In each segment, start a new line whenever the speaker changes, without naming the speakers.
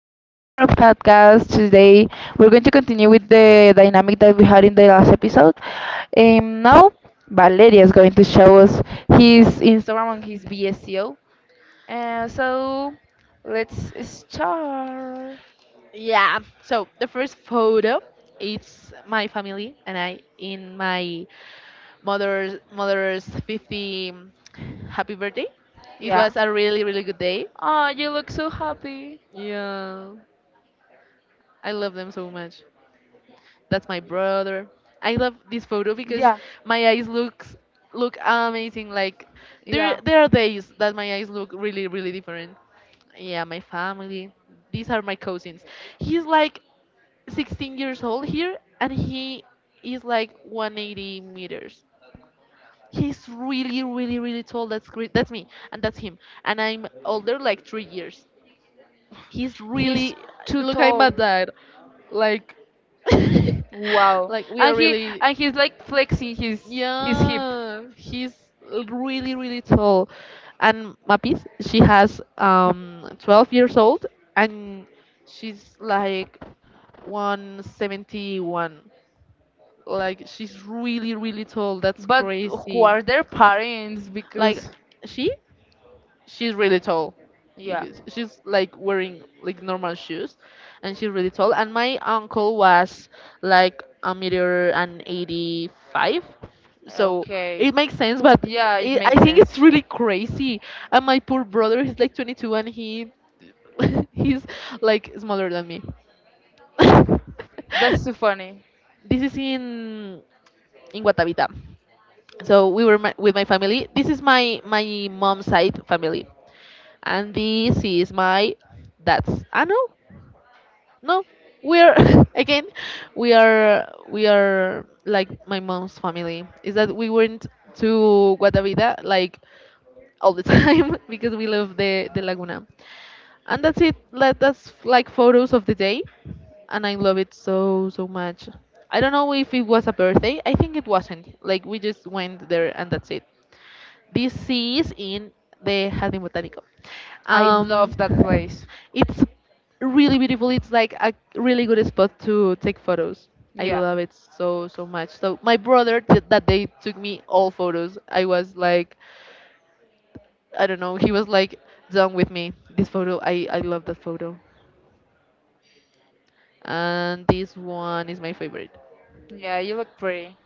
to our podcast. Today we're going to continue with the dynamic that we had in the last episode. Um, now, Valeria is going to show us his Instagram and his BSEO. Uh, so, let's start.
Yeah. So the first photo it's my family and I in my mother's mother's 50, happy birthday. It
Yeah.
was a really good day.
Oh, you look so happy.
Yeah, I love them so much. That's my brother. I love this photo because my eyes look amazing. Like there
Yeah,
there are days that my eyes look really different. Yeah, my family. These are my cousins. He's like 16 years old here, and he is like 180 meters. He's really tall. That's great. That's me and that's him, and I'm older like 3 years. He's really,
too.
look, I'm at that, like,
Wow.
like we are
And he,
really,
and he's like flexing his hip.
yeah, he's really really tall. And mapis, she has 12 years old and she's like 171. Like she's really, really tall. That's
But who
crazy.
are their parents?
Because, like,
Because
she, she's really tall.
yeah.
Because she's like wearing like normal shoes, and she's really tall. And my uncle was like a meter and 85, so
Okay.
it makes sense. But
Yeah, it
I
makes
think
sense.
it's really crazy. And my poor brother, he's like 22, and he he's like smaller than me.
That's
That's
too funny.
this is in Guatavita. So we were, my, with my family. This is my mom's side family, and this is my dad's. I know, no, we're again, we are like my mom's family. Is that we went to Guatavita like all the time because we love the Laguna, and that's it. Let, that's like photos of the day, and I love it so so much. I don't know if it was a birthday. I think it wasn't. Like we just went there and that's it. This sea is in the Jardín Botánico.
I love
Um,
that place.
it's really beautiful. It's like a really good spot to take photos. I, yeah,
Yeah.
love it so so much. So my brother did that day took me all photos. I was like, I don't know. He was like done with me. This photo, I love that photo, and this one is my favorite.
Yeah, you look pretty.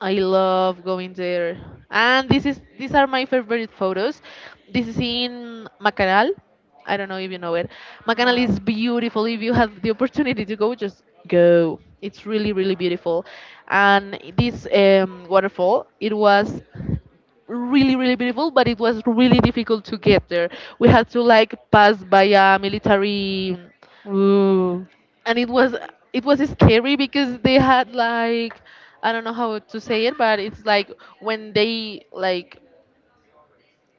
I love going there. And this is these are my favorite photos. This is in Macanal. I don't know if you know it. Macanal
No.
is beautiful. If you have the opportunity to go, just go. It's really, really beautiful. And this, waterfall, it was really, really beautiful, but it was really difficult to get there. We had to like pass by a military,
Ooh.
and it was, it was scary because they had like, I don't know how to say it, but it's like when they like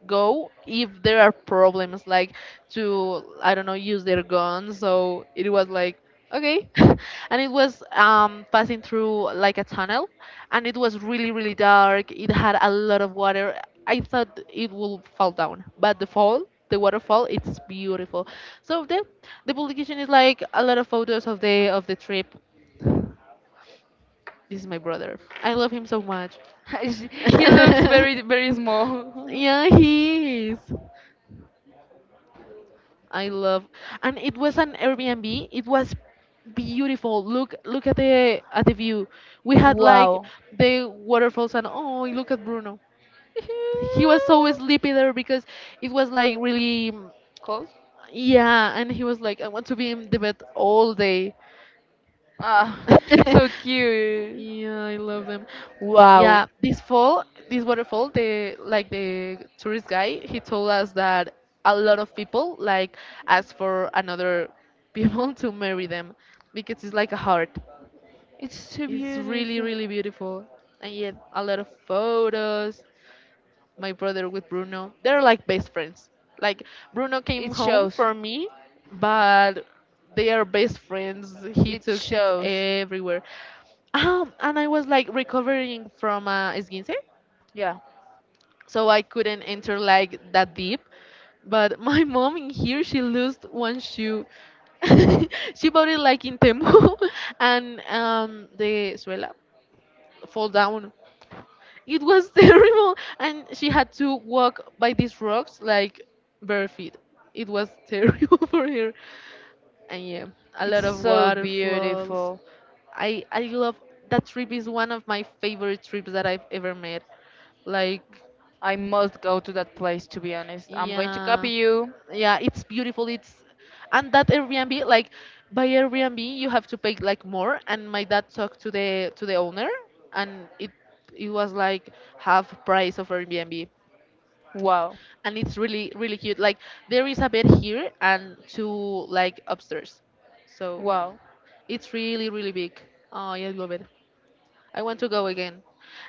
go, if there are problems, like, to, I don't know, use their guns. So it was like okay. And it was, passing through like a tunnel, and it was really really dark. It had a lot of water. I thought it will fall down, but the fall, the waterfall, it's beautiful. So the publication is like a lot of photos of the trip. This is my brother, I love him so much.
He looks very, very small.
Yeah, he is. I love, and it was an Airbnb. It was beautiful. Look, look at the view. We had like
Wow.
the waterfalls, and, oh, look at Bruno. He was so sleepy there because it was like really,
Cold?
yeah. And he was like, I want to be in the bed all day.
Ah, so cute.
Yeah, I love them. Yeah,
Wow.
this fall, this waterfall, the, like the tourist guy, he told us that a lot of people like ask for another people to marry them because it's like a heart.
It's so
It's really,
beautiful.
really beautiful. And yet, a lot of photos. My brother with Bruno, they're like best friends. Like, Bruno came
It
home
shows.
for me, but they are best friends. He
It
took it
shows.
everywhere. And I was like recovering from esguince,
Yeah.
so I couldn't enter like that deep. But my mom in here, she lost one shoe. She bought it like in Temu, and, the suela fall down. It was terrible, and she had to walk by these rocks like bare feet. It was terrible for her, and yeah, a
It's
lot of
so
water flows.
beautiful.
I love that trip. Is one of my favorite trips that I've ever made. Like,
I must go to that place, to be honest. I'm going to
yeah,
copy
W,
you.
yeah, it's beautiful, it's, and that Airbnb, like, by Airbnb you have to pay like more, and my dad talked to the, to the owner, and it was like half price of Airbnb.
Wow.
And it's really really cute. Like there is a bed here and two like upstairs, so
Wow.
it's really really big. Oh yeah, I love it. I want to go again.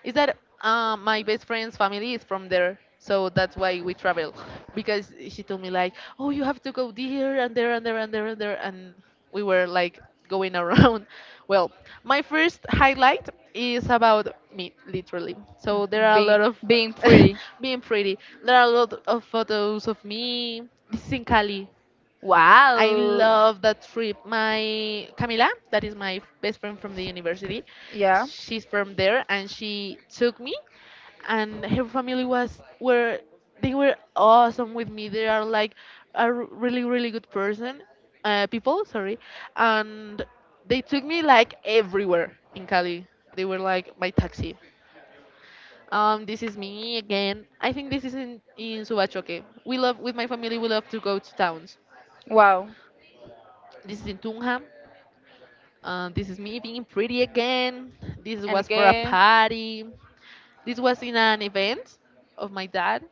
Is that, my best friend's family is from there, so that's why we travel. Because she told me like, oh, you have to go there and there and there and there and there, and we were like going around. Well, my first highlight is about me, literally. So there are a
Of
lot of, being
being
pretty,
pretty.
being pretty. There are a lot of photos of me. This is in Cali. I
Wow.
love that trip. My Camila, that is my best friend from the university,
Yeah.
she's from there and she took me, and her family was were, they were awesome with me. They are like a really really good person, people, sorry. And they took me like everywhere in Cali. They were like my taxi. This is me again. I think this is in Subachoque. We love, with my family, we love to go to towns.
Wow.
This is in Tunja. This is me being pretty again. This
And
was for a
again.
party. This was in an event of my dad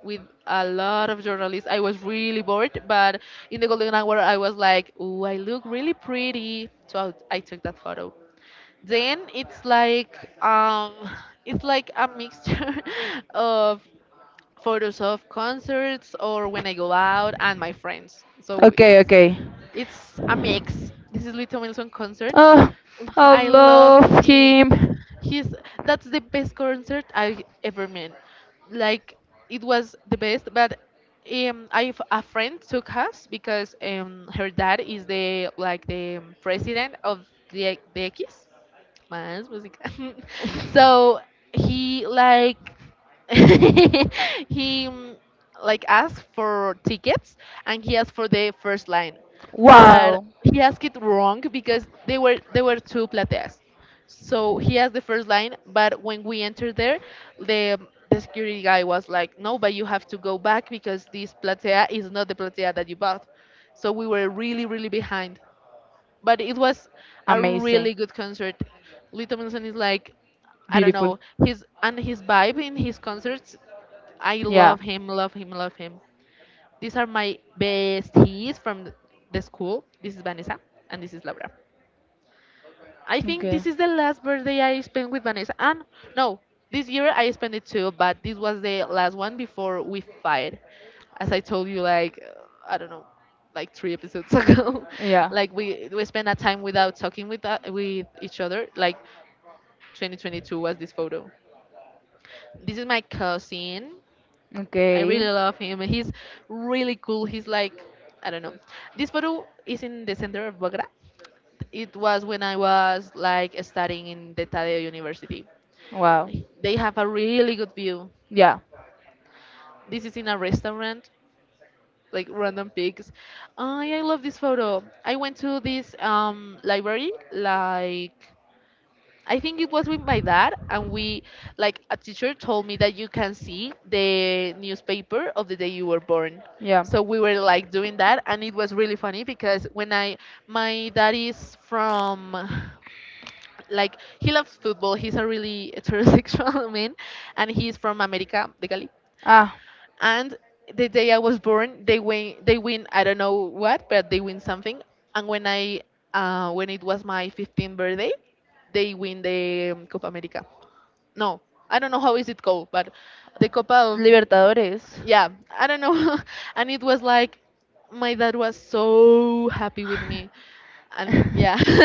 with a lot of journalists. I was really bored, but in the golden hour, I was like, "Ooh, I look really pretty," so I took that photo. Then it's like, it's like a mixture of photos of concerts or when I go out and my friends. So
Okay,
it's
okay.
it's a mix. This is Little Milson concert.
Oh, I
I love
love
him.
him.
He's, that's the best concert I ever met. Like, it was the best. But, I have a friend took us because, her dad is the, like the, president of the X, Más Música. So he like he, like asked for tickets, and he asked for the first line, but
Wow.
he asked it wrong because they were, there were two plateas, so he asked the first line, but when we entered there, the the security guy was like, no, but you have to go back because this platea is not the platea that you bought. So we were really really behind, but it was a
Amazing.
really good concert. Little Wilson is like, I don't
Beautiful.
know, his, and his vibe in his concerts. I
Yeah.
love him, love him, love him. These are my besties from the school. This is Vanessa and this is Laura. I think
Okay.
this is the last birthday I spent with Vanessa. And, no, this year I spent it too, but this was the last one before we fight. As I told you, like, I don't know, like three episodes ago, yeah,
Yeah.
like we spent a time without talking with, with each other. Like 2022 was this photo. This is my cousin. I, okay,
Okay.
really love him. He's really cool. He's like, I don't know. This photo is in the center of Bogota. It was when I was like studying in the Tadeo University.
Wow.
Like, they have a really good view.
Yeah.
This is in a restaurant, like random pics. I love this photo. I went to this, library, like, I think it was with my dad, and we, like a teacher told me that you can see the newspaper of the day you were born.
Yeah.
So we were like doing that, and it was really funny because when I, my dad is from, like he loves football. He's a really heterosexual man, and he's from America de Cali.
Ah.
And the day I was born, they win. They win, I don't know what, but they win something. And when when it was my 15th birthday, they win the, Copa America. No, I don't know how is it called, but the Copa of,
Libertadores.
yeah, I don't know. And it was like my dad was so happy with me, and yeah.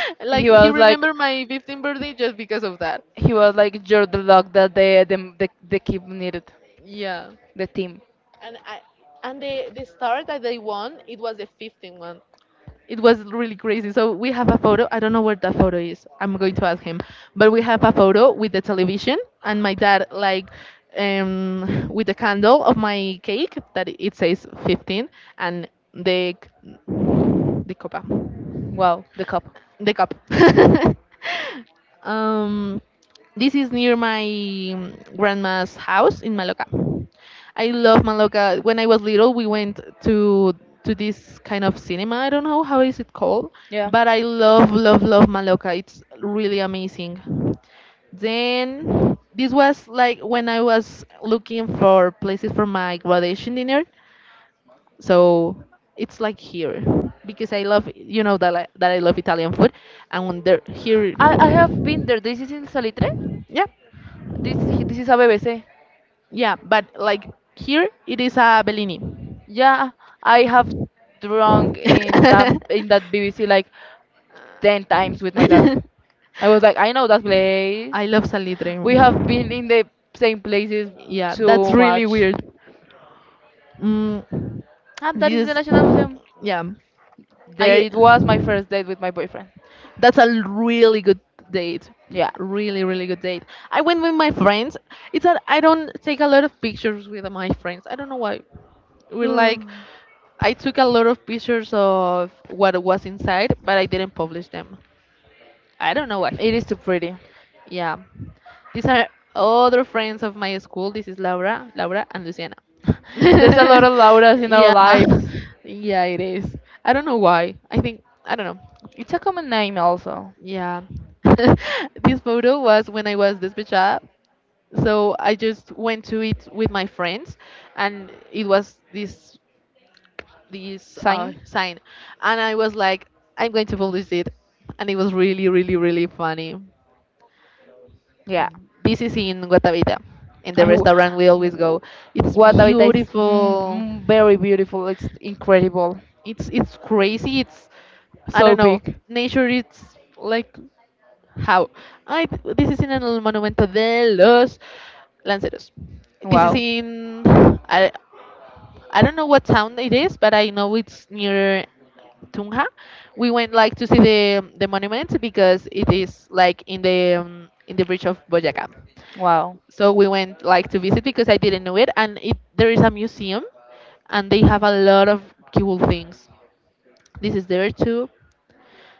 Like
He
he are
was
like,
like,
remembered my 15th birthday just because of that,
he was like, you're the luck that the keep needed
yeah.
the team.
And I, and the star that they won, it was the 15th one. It was really crazy, so we have a photo. I don't know where that photo is. I'm going to ask him, but we have a photo with the television and my dad, like, with the candle of my cake that it says 15. And the copa,
Wow, the cup.
the cup. um This is near my, grandma's house in Maloca. I love Maloca. When I was little, we went to this kind of cinema. I don't know how is it called,
Yeah.
but I love love love Maloca. It's really amazing. Then this was like when I was looking for places for my graduation dinner. So it's like here, because I love, you know, that that I love Italian food. And when they're here,
I have been there. This is in Salitre.
yeah.
This is a BBC.
Yeah, but like here it is a Bellini.
Yeah, I have drunk in that in that BBC like 10 times with my dad. I was like, I know that place.
I love
We have
Salitre.
been in the same places
Yeah, that's
too
really
much.
weird. Mm,
And that is the
this,
National Museum.
yeah,
There
I.
it was my first date with my boyfriend.
That's a really good date.
Yeah.
Really, really good date. I went with my friends. It's that I don't take a lot of pictures with my friends. I don't know why. We're like,
Hmm.
I took a lot of pictures of what was inside, but I didn't publish them. I don't know what
It
he.
is too pretty.
Yeah. These are other friends of my school. This is Laura, Laura and Luciana.
There's a lot of Lauras in our
yeah.
lives.
Yeah, it is. I don't know why. I think I don't know.
It's a common name also.
Yeah. This photo was when I was despechada. So I just went to it with my friends, and it was this
Sign?
sign. And I was like, I'm going to publish it, and it was really really really funny.
Yeah.
This is in Guatavita, in
I
the
w-
restaurant we always go.
w-
It's
what Habitat is mm,
beautiful.
mm, very beautiful. It's incredible.
It's crazy. It's, I don't
So
know.
big.
Nature. It's like how I. This is in el Monumento de los Lanceros. This is wow.
Wow.
In I. I don't know what town it is, but I know it's near Tunja. We went like to see the monument because it is like in the bridge of Boyaca.
Wow.
So we went like to visit because I didn't know it, and it there is a museum, and they have a lot of cool things. This is there too.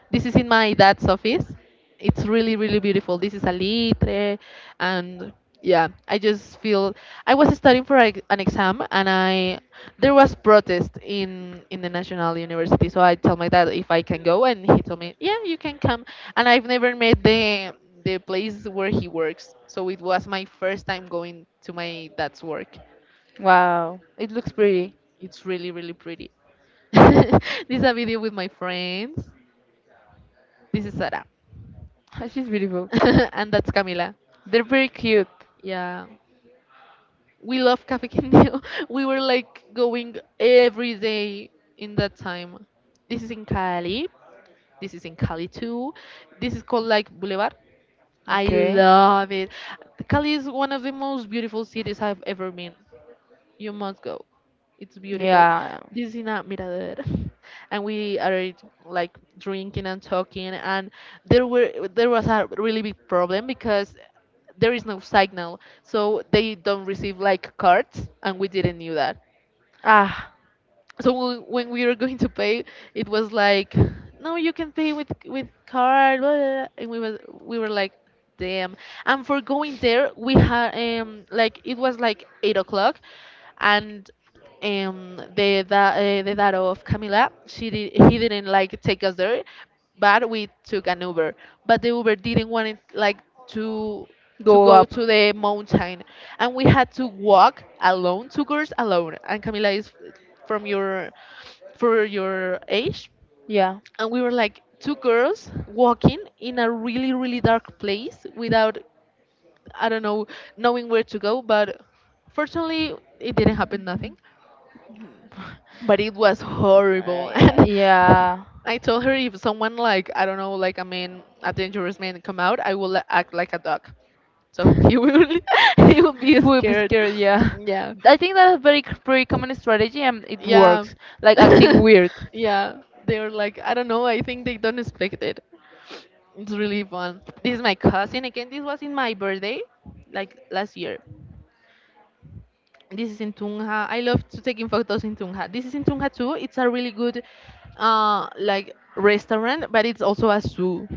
This is in my dad's office. It's really, really beautiful. This is a litre, and yeah, I just feel I was studying for an exam, and I there was protest in the national university. So I tell my dad if I can go, and he told me, yeah, you can come. And I've never met the place where he works, so it was my first time going to my dad's work.
Wow. It looks pretty.
It's really, really pretty. This is a video with my friends. This is Sarah.
She's beautiful.
And that's Camila.
They're very cute.
Yeah, we love Cafe Quindío. We were like going every day in that time. This is in Cali. This is in Cali too. This is called like Boulevard. I
Okay.
love it. Cali is one of the most beautiful cities I've ever been. You must go. It's beautiful.
Yeah.
This is not Mirador. And we are like drinking and talking, and there was a really big problem because there is no signal. So they don't receive like cards, and we didn't knew that.
Ah.
So when we were going to pay, it was like, no, you can pay with card, blah, blah, blah," and we were like, damn. And for going there, we had like it was like 8 o'clock. And the that the dad of Camila, she did he didn't like take us there, but we took an Uber. But the Uber didn't want it like to
Go
go
up.
to the mountain, and we had to walk alone, two girls alone. And Camila is from your for your age.
Yeah.
And we were like two girls walking in a really really dark place without, I don't know, knowing where to go. But fortunately, it didn't happen nothing, but it was horrible. And
Yeah.
I told her if someone, like, I don't know, like a man, a dangerous man come out, I will act like a dog, so he will he will be
Who will be
scared.
scared, yeah.
Yeah.
I think that's a very pretty common strategy, and it
Yeah.
works. Like acting weird.
Yeah. They are like, I don't know, I think they don't expect it. It's really fun. This is my cousin again. This was in my birthday, like last year. This is in Tunja. I love to taking photos in Tunja. This is in Tunja too. It's a really good like restaurant, but it's also a zoo.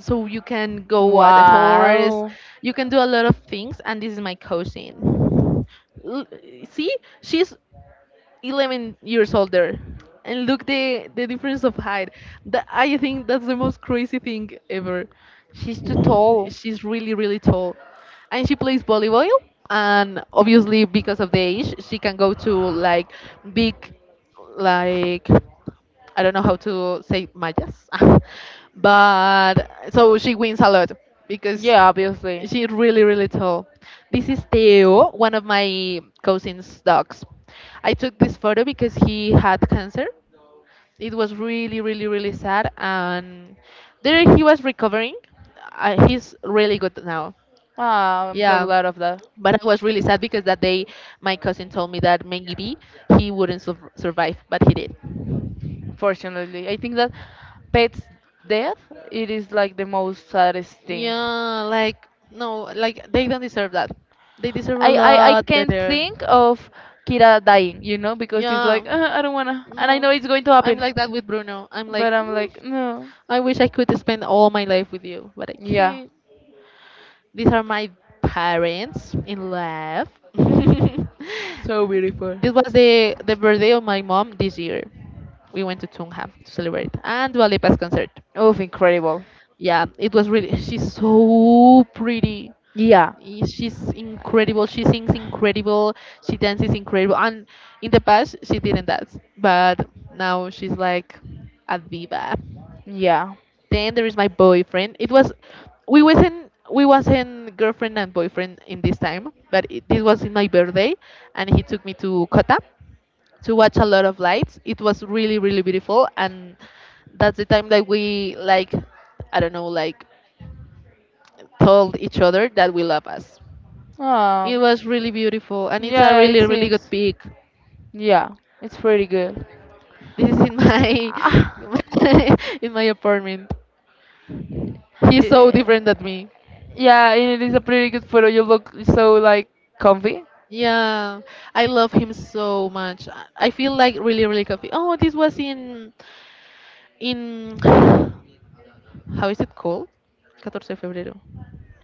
So you can go at the horse.
Wow.
You can do a lot of things, and this is my cousin. L- See, she's 11 years older, and look the difference of height. That, I think that's the most crazy thing ever.
She's too tall.
She's really really tall, and she plays volleyball. And obviously because of the age, she can go to like big, like, I don't know how to say mayas. But so she wins a lot because
Yeah, obviously.
she's really, really tall. This is Theo, one of my cousin's dogs. I took this photo because he had cancer. It was really, really, really sad, and there he was recovering. He's really good now.
Ah, I'm so
Yeah,
glad of that.
but I was really sad because that day my cousin told me that maybe he wouldn't survive, but he did.
Fortunately, I think that pets' death, it is like the most saddest thing.
Yeah, like no, like they don't deserve that. They deserve a
I
lot
can't
better.
think of Kira dying, you know, because it's
Yeah.
like, I don't wanna. And I
No,
know it's going to
I'm
happen.
like that with Bruno. I'm like,
But I'm
"Mm,
like, no.
I wish I could spend all my life with you, but I
Yeah.
can't. These are my parents in love.
So beautiful.
This was the birthday of my mom this year. We went to Tunja to celebrate and Dua Lipa's concert.
Oof, incredible.
Yeah, it was really. She's so pretty.
Yeah.
She's incredible. She sings incredible. She dances incredible. And in the past, she didn't dance, but now she's like a diva.
Yeah.
Then there is my boyfriend. It was we wasn't girlfriend and boyfriend in this time, but this was in my birthday, and he took me to Kota to watch a lot of lights. It was really really beautiful, and that's the time that we like, I don't know, like, told each other that we love us. It
Um,
was really beautiful, and it's
yeah,
a
yeah, it
really, really good
seems.
pic.
Yeah. It's pretty good.
This is in my in my in my apartment. He's so
Eh,
different than me.
yeah, and it is a pretty good photo. You look so like comfy.
Yeah, I love him so much. I feel like really, really comfy. Oh, this was in in how is it called? 14 de febrero.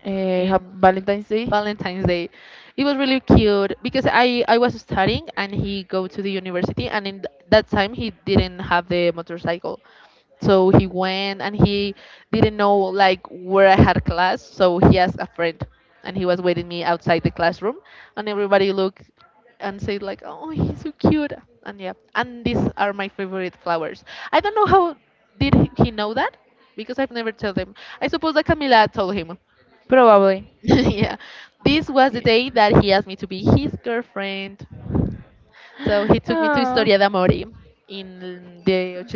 In
Valentine's Day.
Valentine's Day. It was really cute because I was studying and he go to the university, and in that time he didn't have the motorcycle. So he went, and he didn't know like where I had class, so he asked a friend, and he was waiting me outside the classroom. And everybody looked and said like, "Oh, he's so cute." And yeah, and these are my favorite flowers. I don't know how did he know that, because I've never told him. I suppose that Camila told him.
Probably.
Yeah. This was the
Yeah.
day that he asked me to be his girlfriend. So he took me to
Oh.
Historia d'Amore in the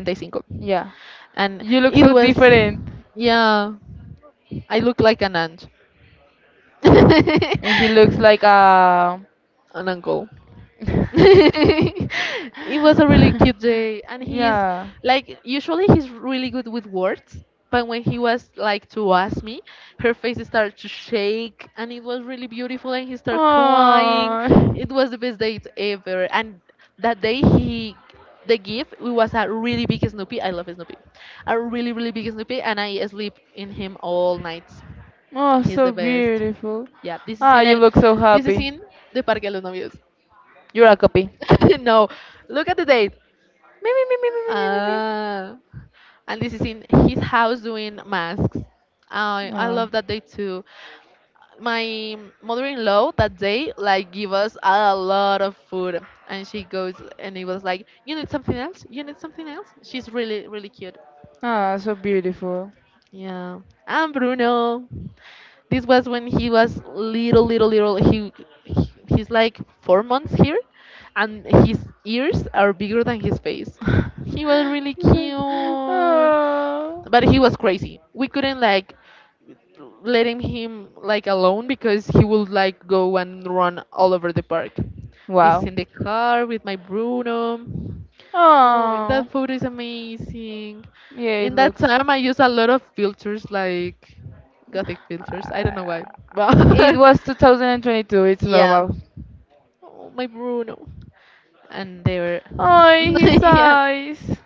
85.
Yeah.
And
You look
it
so
was,
different.
yeah, I look like an aunt.
And he looks like a.
An uncle. It was a really cute day. And he is,
Yeah.
like, usually he's really good with words, but when he was like to ask me, her face started to shake, and it was really beautiful, and he started crying. It was the best date ever. And that
Oh.
day he, the gift, it was a really big Snoopy. I love Snoopy. A really really big Snoopy, and I sleep in him all nights.
Oh,
He's the
so
best.
beautiful.
Yeah, this is
Ah,
in
you
el,
look so
this is
happy.
in the Parque de los Novios.
You're a copy.
No, look at the date.
Me, me, me, me, me, me, me, me, me.
Ah, and this is in his house doing masks. I
Ah.
love that day too. My mother-in-law that day like give us a lot of food, and she goes and it was like, you need something else, you need something else. She's really really cute.
Ah, so beautiful.
Yeah, and Bruno. This was when he was little, little, little. He he's like 4 months here, and his ears are bigger than his face. He was really cute,
Oh.
but he was crazy. We couldn't like letting him like alone, because he would like go and run all over the park. This Wow. is
Wow.
in the car with my Bruno. Oh, oh,
Oh,
that photo is amazing.
yeah, it
In yes. that
looks.
time, I use a lot of filters like gothic filters. I don't know
Uh,
why, but
it
it
was
totally
2022, it's
yeah,
normal.
oh, my Bruno, and they were
Oh, he
yeah.
sighs.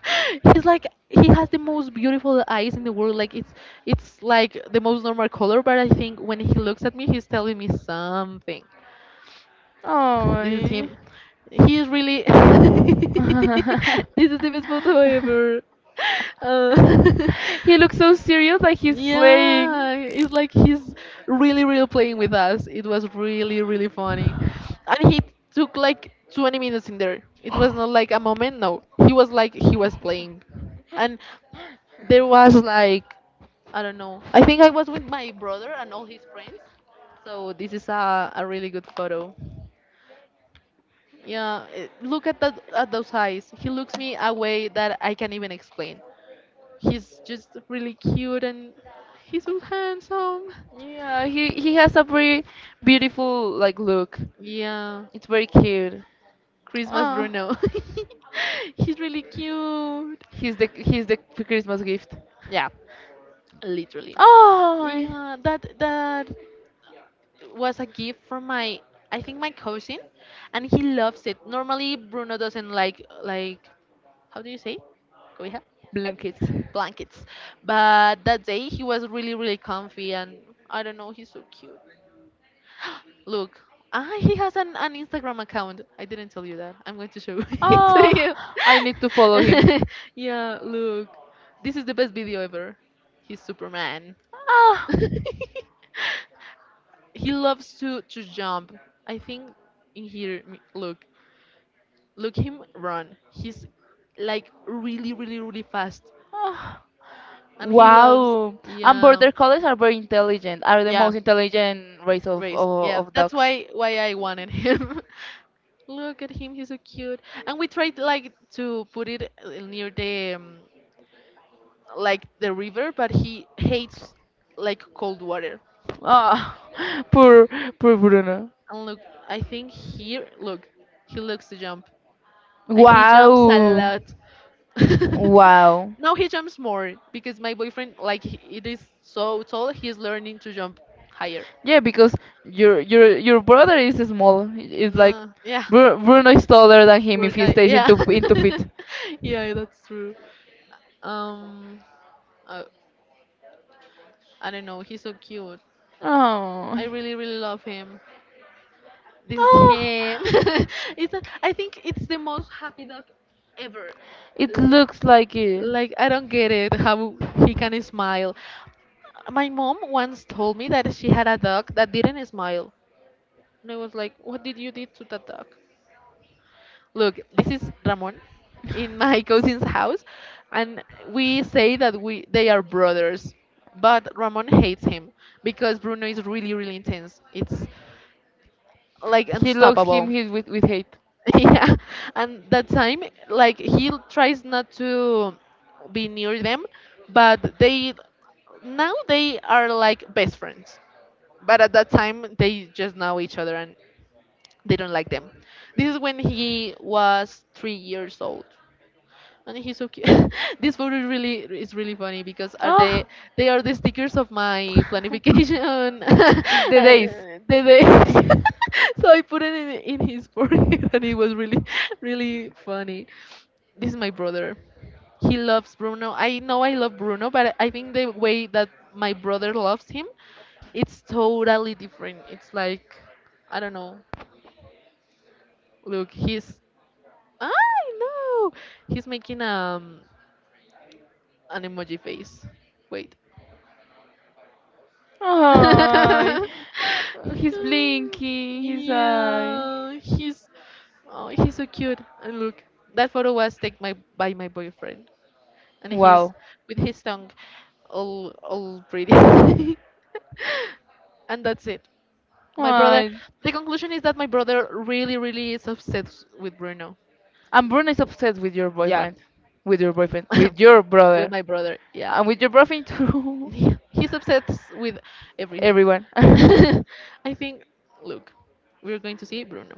He's like, he has the most beautiful eyes in the world. Like it's like the most normal color, but I think when he looks at me, he's telling me something. This is
Oh.
him. He is really. This is the best photo ever. Uh,
He
He.
looks so serious like he's playing.
Yeah, it's like he's really, really playing with us. It was really, really funny. And he took like 20 minutes in there. It was not like a moment, no. He was like, he was playing. And there was like, I don't know. I think I was with my brother and all his friends. So this is a really good photo. Yeah, look at those eyes. He looks me a way that I can't even explain. He's just really cute and he's so handsome.
Yeah, he has a very beautiful like look.
Yeah,
It's very cute.
Christmas
Oh,
Bruno. He's really cute.
he's the Christmas gift.
Yeah, literally.
Oh,
Yeah, that was a gift from my, I think, my cousin, and he loves it. Normally Bruno doesn't like how do you say? Cobija?
blankets.
Blankets. But that day he was really, really comfy and I don't know, he's so cute. Look, he has an Instagram account. I didn't tell you that. I'm going to show it
Oh,
to
I
You.
need to follow him.
him. Yeah, look. This is the best video ever. He's Superman.
Ah,
He loves to jump. I think in here, look. Look him run. He's like really, really, really fast.
ah,
And he loves,
wow. And
yeah,
border collies are very intelligent, are the
yeah,
most intelligent race of,
race. Yeah,
of, of
that's
dogs.
why I wanted him. Look at him, he's so cute. And we tried like to put it near the like the river, but he hates like cold water.
Ah, poor, poor Bruno.
And look, I think here, look, he looks to jump, and he jumps a
Wow.
lot. Wow.
Wow.
Now he jumps more because my boyfriend like it is so tall, he's learning to jump higher.
Yeah, because your brother is small.
Like,
It's like
no, yeah,
Bruno is taller than him
poor
if he
guy.
stays
Yeah,
into in feet.
yeah, that's true. Um, uh, I don't know, he's so cute.
Oh.
I really, really love him. This is him.
Oh.
I think it's the most happy dog ever.
It
Uh,
looks like it.
Like I don't get it how he can smile. My mom once told me that she had a dog that didn't smile, and I was like, "What did you did to that dog?" Look, this is Ramon in my cousin's house, and we say that we they are brothers, but Ramon hates him because Bruno is really, really intense. It's like
He looks him,
unstoppable.
his, with hate.
Yeah, and that time like he tries not to be near them, but they now they are like best friends, but at that time they just know each other and they don't like them. This is when he was 3 years old and he's so cute. This photo really is really funny because are
Oh,
they are the stickers
the
of my planification,
days.
the days. So I put it in his forehead, and it was really, really funny. This is my brother. He loves Bruno. I know I love Bruno, but I think the way that my brother loves him, it's totally different. It's like I don't know. Look, he's I know. He's making an emoji face. Wait.
Ay,
Oh,
he's blinking his eye.
yeah, he's so cute. And look, that photo was taken by my boyfriend, and he's
Wow.
with his tongue all pretty. And that's it. My brother.
Ay,
The conclusion is that my brother really, really is obsessed with Bruno.
and Bruno is obsessed with your
With yeah,
boyfriend, with your boyfriend, with your
with
brother,
my brother. Yeah,
and with
I
your boyfriend too.
he's obsessed with everything.
Everyone.
I think, look, we're going to see Bruno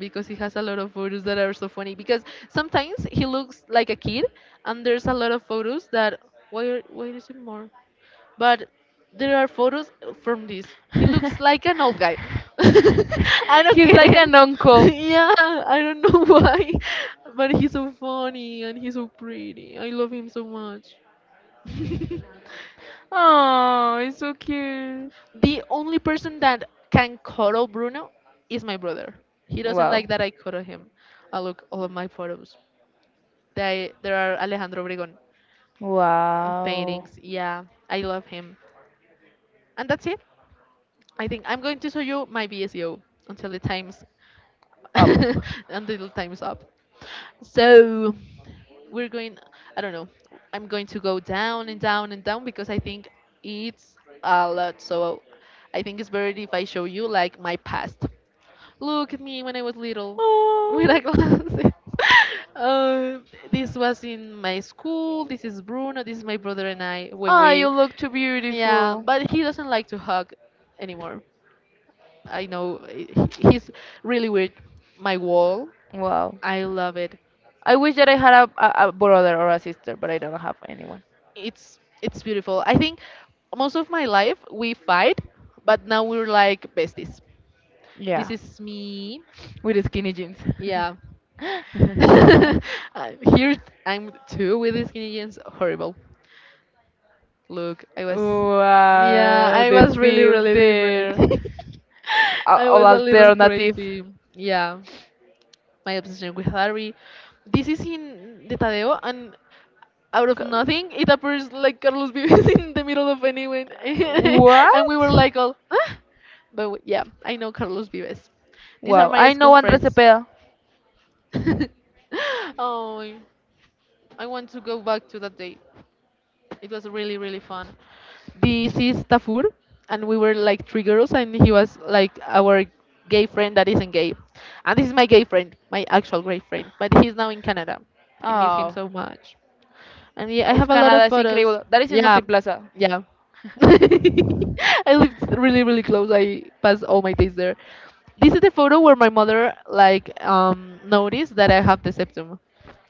because he has a lot of photos that are so funny. Because sometimes he looks like a kid, and there's a lot of photos that why is it more? But there are photos from this. He looks like an old guy.
Guy.
I don't
He's
get
like
it.
an uncle.
Yeah, I don't know why, but he's so funny and he's so pretty. I love him so much.
Oh, it's so cute.
The only person that can cuddle Bruno is my brother. He doesn't like that I cuddle him. I look all of my photos. They There are Alejandro Obregón uh,
Wow.
paintings. Yeah, I love him. And that's it. I think I'm going to show you my VSEO until the times
Up.
until time's up. So we're going, I don't know. I'm going to go down and down and down because I think it's a lot. So I think it's better if I show you like my past. Look at me when I was little with
Oh.
a glasses. um, this was in my school. This is Bruno. This is my brother and I when
Ah,
we,
you look too
yeah.
beautiful.
But he doesn't like to hug anymore. I know, he's really weird. My wall,
Wow.
I love it.
I wish that I had a brother or a sister, but I don't have anyone.
It's beautiful. I think most of my life we fight, but now we're like besties. This
Yeah,
is me.
with skinny jeans.
Yeah. i here I'm too with these Canadians. Horrible. Look, I was, yeah,
Wow,
I,
the
wow, was really, really different.
filter,
I was
all
a of little your domain,
alternative.
crazy. Yeah, my obsession with Harry. This is in the Tadeo, and out of
Co-
nothing, it appears like Carlos Vives in the middle of anyone, and we
What?
were like all, huh? But yeah, I know Carlos Vives. These are
Wow,
my
I
school
know Andrés
friends.
Cepeda.
Oh, I want to go back to that day. It was really, really fun. This is Tafur, and we were like three girls, and he was like our gay friend that isn't gay. And this is my gay friend, my actual gay friend, but he's now in Canada. I miss him, oh,
Oh,
so much. And yeah, I
of
have a lot of
Canada is
Photos.
incredible. That is in
Yeah,
Multiplaza.
yeah. I lived really, really close. I passed all my days there. This is the photo where my mother like noticed that I have the septum.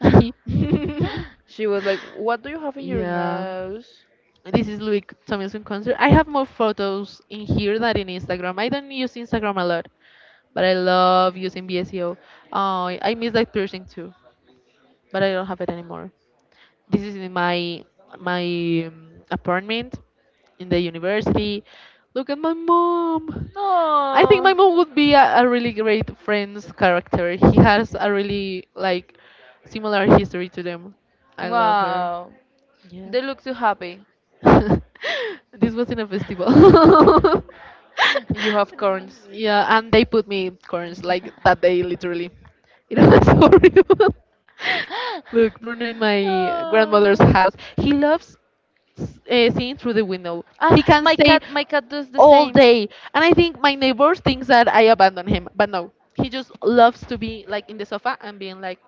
She
She
was like, "What do you have in your
Yeah.
nose?"
This is Louis Tomlinson concert. I have more photos in here than in Instagram. I don't use Instagram a lot, but I love using BSEO. Oh, I miss that piercing too, but I don't have it anymore. This is in my my apartment in the university. Look at my mom. I think
No.
my mom would be a really great friend's character. He has a really like similar history to them. I love her.
Wow,
Yeah.
they look so happy.
This was in a festival.
You have
They
corns.
Yeah, and they put me corns like that day literally. It was horrible. Look, Bruno in my grandmother's
Oh.
house. He loves seeing through the window. He
Ah,
can stay
my cat does the
all
same.
day. And I think my neighbor thinks that I abandon him, but no. He just loves to be like in the sofa and being like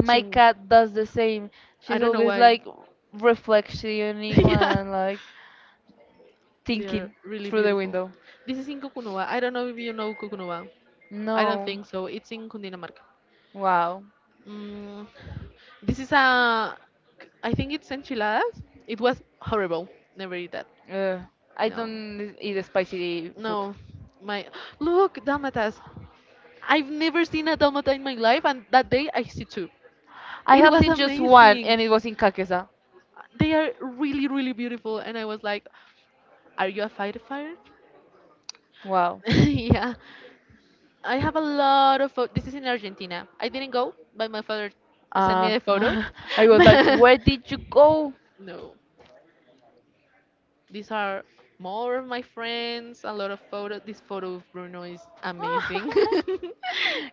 My cat does the same.
I
She's
don't know
always
why.
like reflectioning
Yeah.
and like
They're
thinking
really
through the
beautiful.
window.
This is in Cucunuba. I don't know if you know Cucunuba. I don't
No.
think so. It's in Cundinamarca.
Wow.
Mm, this is a. I think it's enchiladas. It was horrible. Never eat that.
Ugh. I
No,
don't eat
food,
spicy food.
no. My look, Damatas. I've never seen a Damata in my life and that day I see two.
I
It
have
was
seen just one,
amazing.
and it was in Kakesa.
They are really, really beautiful and I was like, are you a fighter fire?
Wow.
Yeah. I have a lot of photos. This is in Argentina. I didn't go, but my father sent me
Uh,
a photo.
I was like, where
But
did you go?
no. These are more of my friends. A lot of photos. This photo of Bruno is
I'm
amazing.
not kidding.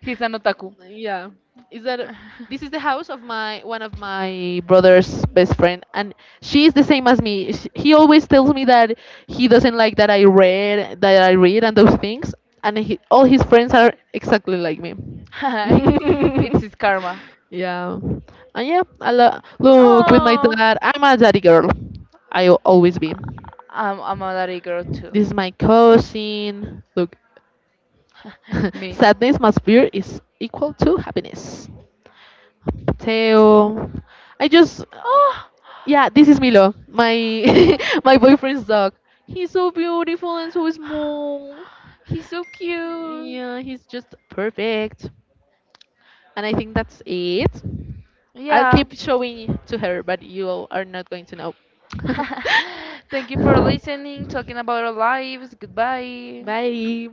He's an otaku.
Yeah, is that this is the house of my one of my brother's best friend, and she is the same as me. Sh He always tells me that he doesn't like that I read and those things, and all his friends are exactly like me.
Of my. It's
this
his karma.
yeah.
No,
And yeah, look, with my
oh,
dad I'm a daddy girl, I will always be.
not. I'm a daddy girl too.
This is my cousin. Look, okay,
Me.
sadness must fear is equal to happiness. Teo, I just,
Oh,
yeah, this is Milo, my my boyfriend's dog. He's so beautiful and so small.
he's so cute.
Yeah, he's just perfect. And I think that's it. I'll
Yeah.
keep showing to her, but you all are not going to know. Keep
Thank you for listening, talking about our lives.
about.
Goodbye.
Bye.